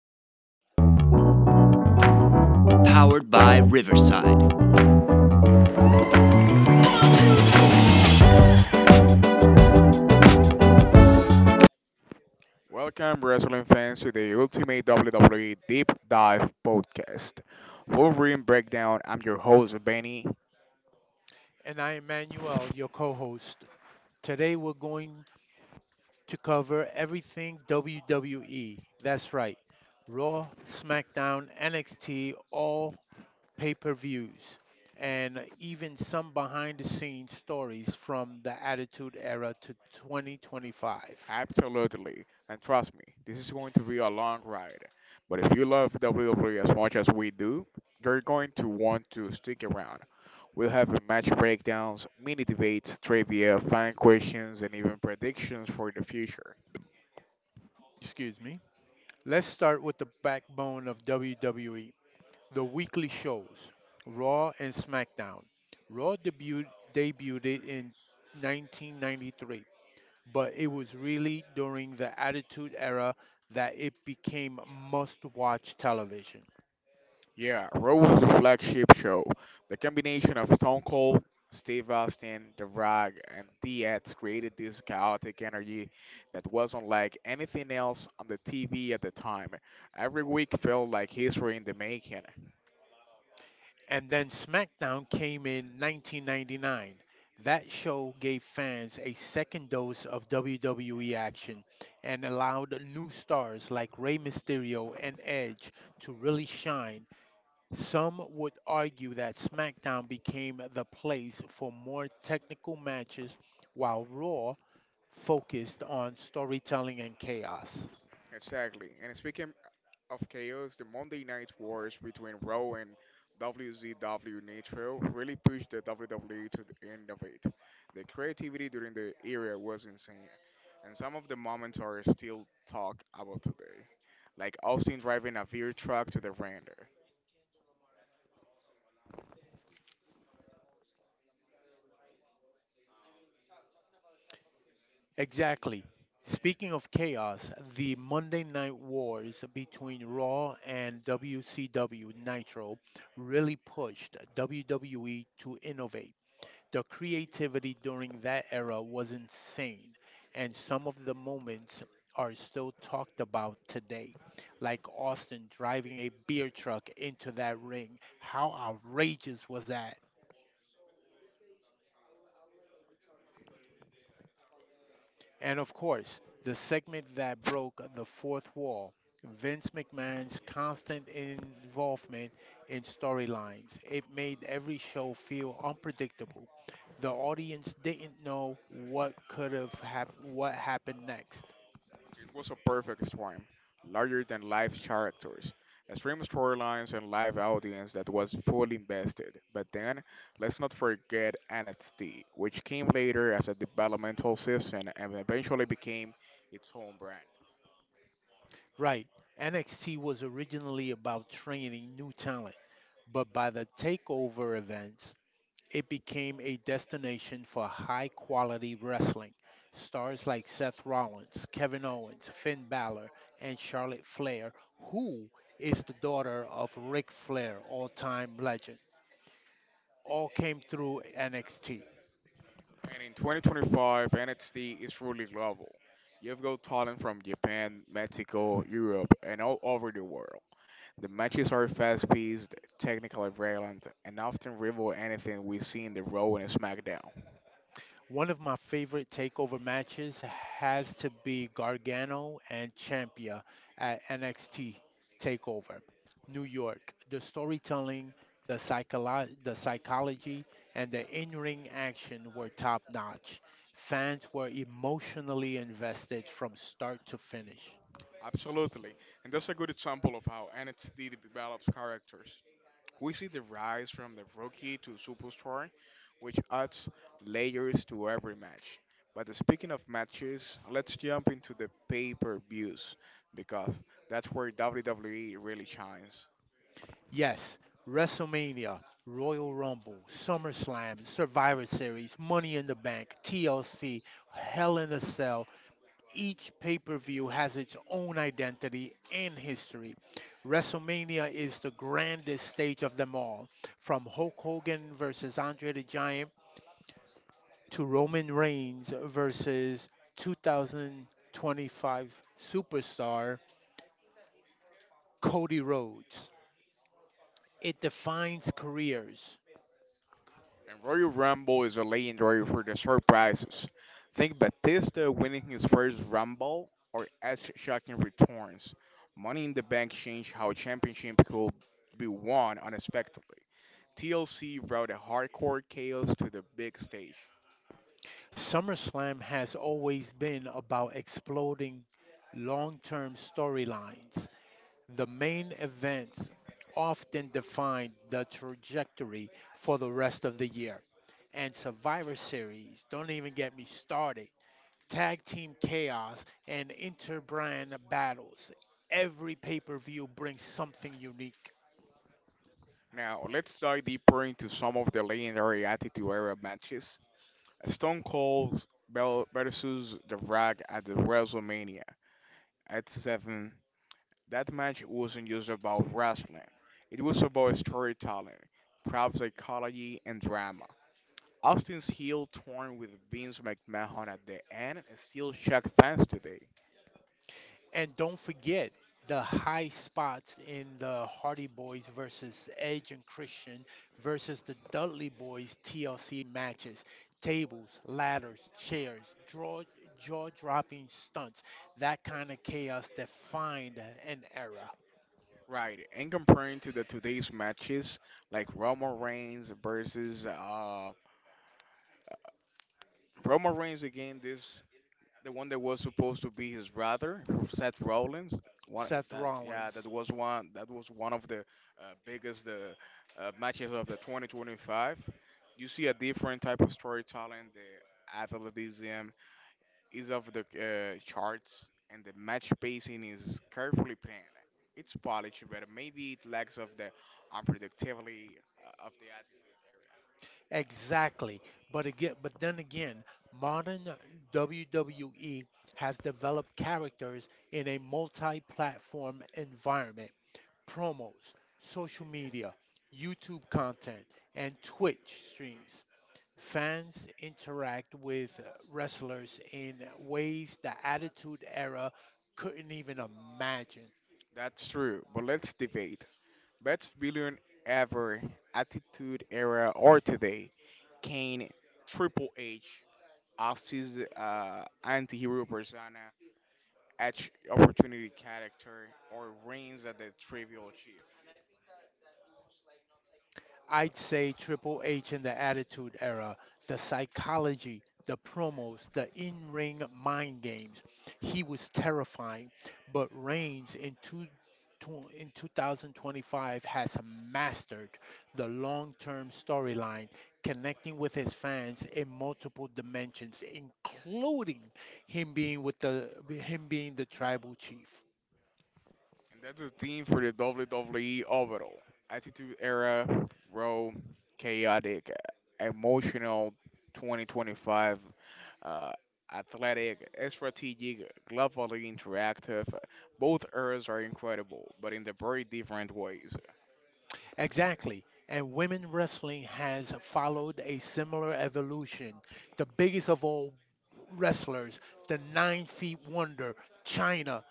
wrestling fans. Welcome, wrestling fans, to the Ultimate WWE Deep Dive Podcast. Full ring breakdown. I'm your host, Benny. And I am Manuel, your co host. Today we're going to cover everything WWE. That's right: Raw, SmackDown, NXT, all pay per views, and even some behind the scenes stories from the Attitude Era to 2025. Absolutely. And trust me, this is going to be a long ride. But if you love WWE as much as we do, you're going to want to stick around. We'll have match breakdowns, mini debates, trivia, fan questions, and even predictions for the future. Excuse me. Let's start with the backbone of WWE, the weekly shows, Raw and SmackDown. Raw debuted in 1993, but it was really during the Attitude Era that it became must watch television. Yeah, Raw was the flagship show. The combination of Stone Cold, Steve Austin, The Rock, and The Edge created this chaotic energy that wasn't like anything else on the TV at the time. Every week felt like history in the making. And then SmackDown came in 1999. That show gave fans a second dose of WWE action and allowed new stars like Rey Mysterio and Edge to really shine. Some would argue that SmackDown became the place for more technical matches while Raw focused on storytelling and chaos. Exactly. And speaking of Chaos, the Monday Night Wars between Raw and WCW Nitro really pushed the WWE to the end of it. The creativity during the era was insane, and some of the moments are still talked about today, like Austin driving a beer truck to the ring. Exactly. Speaking of chaos, the Monday Night Wars between Raw and WCW Nitro really pushed WWE to innovate. The creativity during that era was insane, and some of the moments are still talked about today, like Austin driving a beer truck into that ring. How outrageous was that? And of course, the segment that broke the fourth wall, Vince McMahon's constant involvement in storylines. It made every show feel unpredictable. The audience didn't know what what happened next. It was a perfect storm, larger than life characters, extreme storylines, and live audience that was fully invested. But then, let's not forget NXT, which came later as a developmental season and eventually became its own brand. Right. NXT was originally about training new talent, but by the takeover events, it became a destination for high quality wrestling. Stars like Seth Rollins, Kevin Owens, Finn Balor, and Charlotte Flair, who is the daughter of Ric Flair, all time legend, all came through NXT. And in 2025, NXT is truly global. You've got talent from Japan, Mexico, Europe, and all over the world. The matches are fast paced, technically violent, and often rival anything we see in the Raw and SmackDown. One of my favorite takeover matches has to be Gargano and Ciampa at NXT Takeover, New York. The storytelling, the psychology, and the in-ring action were top-notch. Fans were emotionally invested from start to finish. Absolutely. And that's a good example of how NXT develops characters. We see the rise from the rookie to superstar, which adds layers to every match. But speaking of matches, let's jump into the pay per views because that's where WWE really shines. Yes, WrestleMania, Royal Rumble, SummerSlam, Survivor Series, Money in the Bank, TLC, Hell in a Cell. Each pay per view has its own identity and history. WrestleMania is the grandest stage of them all, from Hulk Hogan versus Andre the Giant to Roman Reigns versus 2025 superstar Cody Rhodes. It defines careers. And Royal Rumble is a legendary for the surprises. Think Batista winning his first Rumble or Edge shocking returns. Money in the Bank changed how championship could be won unexpectedly. TLC brought a hardcore chaos to the big stage. SummerSlam has always been about exploding long term storylines. The main events often define the trajectory for the rest of the year. And Survivor Series, don't even get me started. Tag Team Chaos and Interbrand Battles. Every pay per view brings something unique. Now, let's dive deeper into some of the legendary Attitude Era matches. Stone Cold versus The Rock at the WrestleMania at 7. That match wasn't just about wrestling, it was about storytelling, crowd psychology, and drama. Austin's heel torn with Vince McMahon at the end and still shock fans today. And don't forget the high spots in the Hardy Boys versus Edge and Christian versus the Dudley Boys TLC matches. Tables, ladders, chairs, draw, jaw-dropping stunts, that kind of chaos defined an era. Right, and comparing to the today's matches like Roman Reigns versus Roman Reigns again this the one that was supposed to be his brother, Seth Rollins. One Seth that, yeah, Rollins. That was one of the biggest matches of the 2025. You see a different type of storytelling. The athleticism is of the charts, and the match pacing is carefully planned. It's polished, but maybe it lacks of the unpredictability of the attitude. Exactly. But then again, modern WWE has developed characters in a multi-platform environment: promos, social media, YouTube content, and Twitch streams. Fans interact with wrestlers in ways the Attitude Era couldn't even imagine. That's true, but let's debate. Best billion ever, attitude era, or today? Kane, Triple H, as his anti-hero persona, Edge opportunity character, or Reigns at the Trivial Chief. I'd say Triple H in the Attitude Era, the psychology, the promos, the in ring mind games. He was terrifying, but Reigns in in 2025 has mastered the long term storyline, connecting with his fans in multiple dimensions, including him being the tribal chief. And that's the theme for the WWE overall. Attitude Era, Raw, Chaotic, Emotional, 2025, uh, Athletic, Strategic, Globally Interactive. Both eras are incredible, but in the very different ways. Exactly. And women wrestling has followed a similar evolution. The biggest of all wrestlers, the 9 feet wonder, China,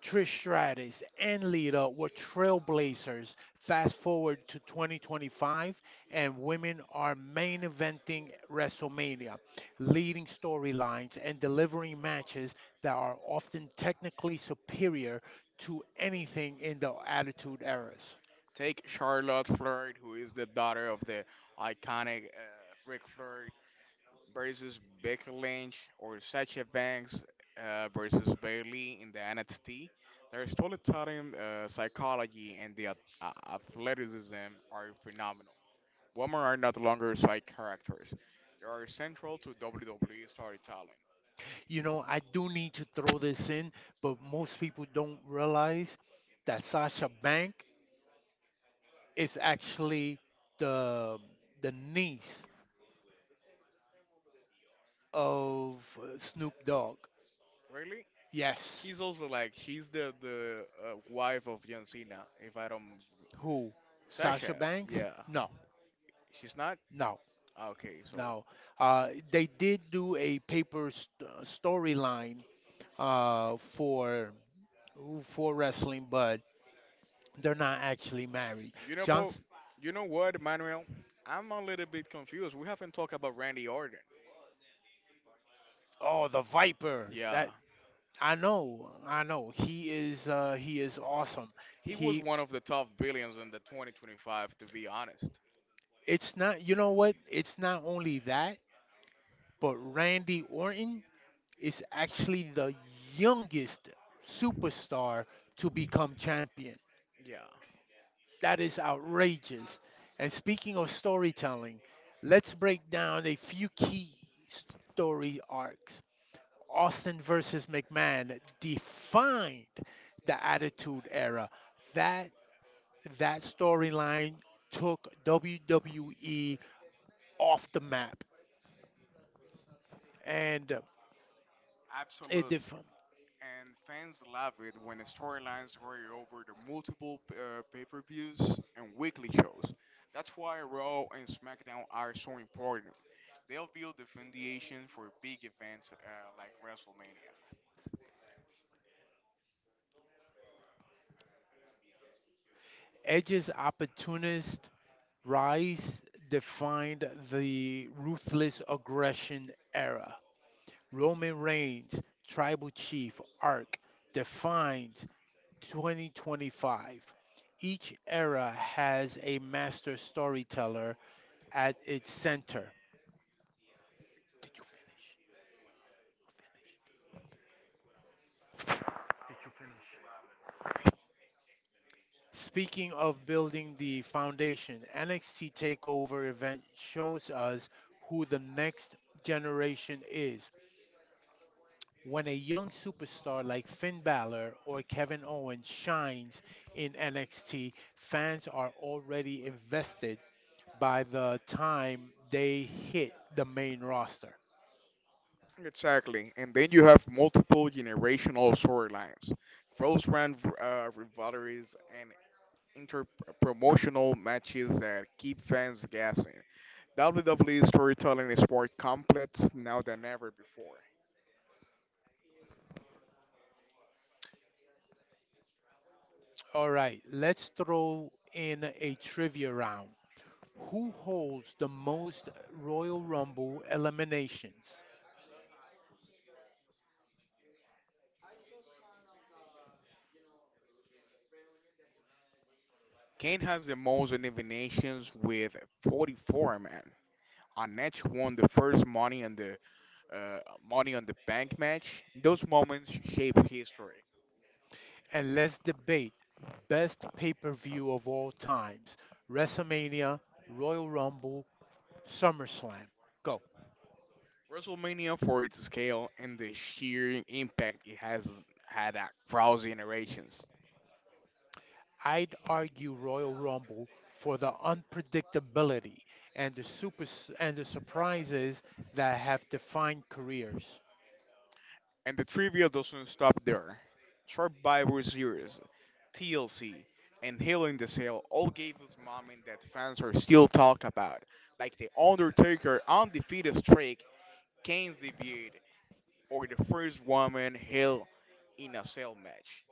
Trish Stratus, and Lita were trailblazers. Fast forward to 2025, and women are main eventing WrestleMania, leading storylines, and delivering matches that are often technically superior to anything in the Attitude Eras. Take Charlotte Flair, who is the daughter of the iconic Ric Flair, versus Becky Lynch or Sasha Banks versus Bailey in the NXT. Their storytelling, psychology, and the athleticism are phenomenal. Women are not longer side characters; they are central to WWE storytelling. You know, I do need to throw this in, but most people don't realize that Sasha Bank is actually the the niece Of of Snoop Dogg. really, Yes. he's also like she's the wife of John Cena. If I don't, Who? Sasha Sasha, Banks? yeah. No, He's not. no, Okay, so no. They did do a storyline uh, for for wrestling, but they're not actually married. you know, Bo, John's. you know what, Manuel? I'm a little bit confused. We haven't talked about Randy Orton. Oh, the Viper. Yeah, That I know, I know. He is awesome. he was He one of the top billions in the 2025, to be honest. It's not, you know what? It's not only that, but Randy Orton is actually the youngest superstar to become champion. Yeah, That is outrageous. And speaking of storytelling, let's break down a few key story arcs. Austin versus McMahon defined the Attitude Era. That that storyline took WWE off the map and it absolutely. def- And fans love it when the storylines vary over the multiple pay per views and weekly shows. That's why Raw and SmackDown are so important. They'll build the foundation for big events like WrestleMania. Edge's opportunist rise defined the ruthless aggression era. Roman Reigns, Tribal Chief, Arc defines 2025. Each era has a master storyteller at its center. Did you finish? Finish. Speaking of building the foundation, NXT TakeOver event shows us who the next generation is. When a young superstar like Finn Balor or Kevin Owens shines in NXT, fans are already invested by the time they hit the main roster. Exactly. And then you have multiple generational storylines, cross brand rivalries, and inter-promotional matches that keep fans guessing. WWE storytelling is more complex now than ever before. All right, let's throw in a trivia round. Who holds the most Royal Rumble eliminations? Kane has the most eliminations with 44, man. On Edge won the first uh, Money on the Bank match. Those moments shaped history. And let's debate best pay per view of all times: WrestleMania, Royal Rumble, SummerSlam. Go. WrestleMania, for its scale and the sheer impact it has had across generations. I'd argue Royal Rumble for the unpredictability and the super and the surprises that have defined careers. And the trivia doesn't stop there. Survivor Series, TLC, and Hell in the Cell all gave us moments that fans are still talk about, like the Undertaker undefeated streak, Kane's debut, or the first woman Hell in a Cell match.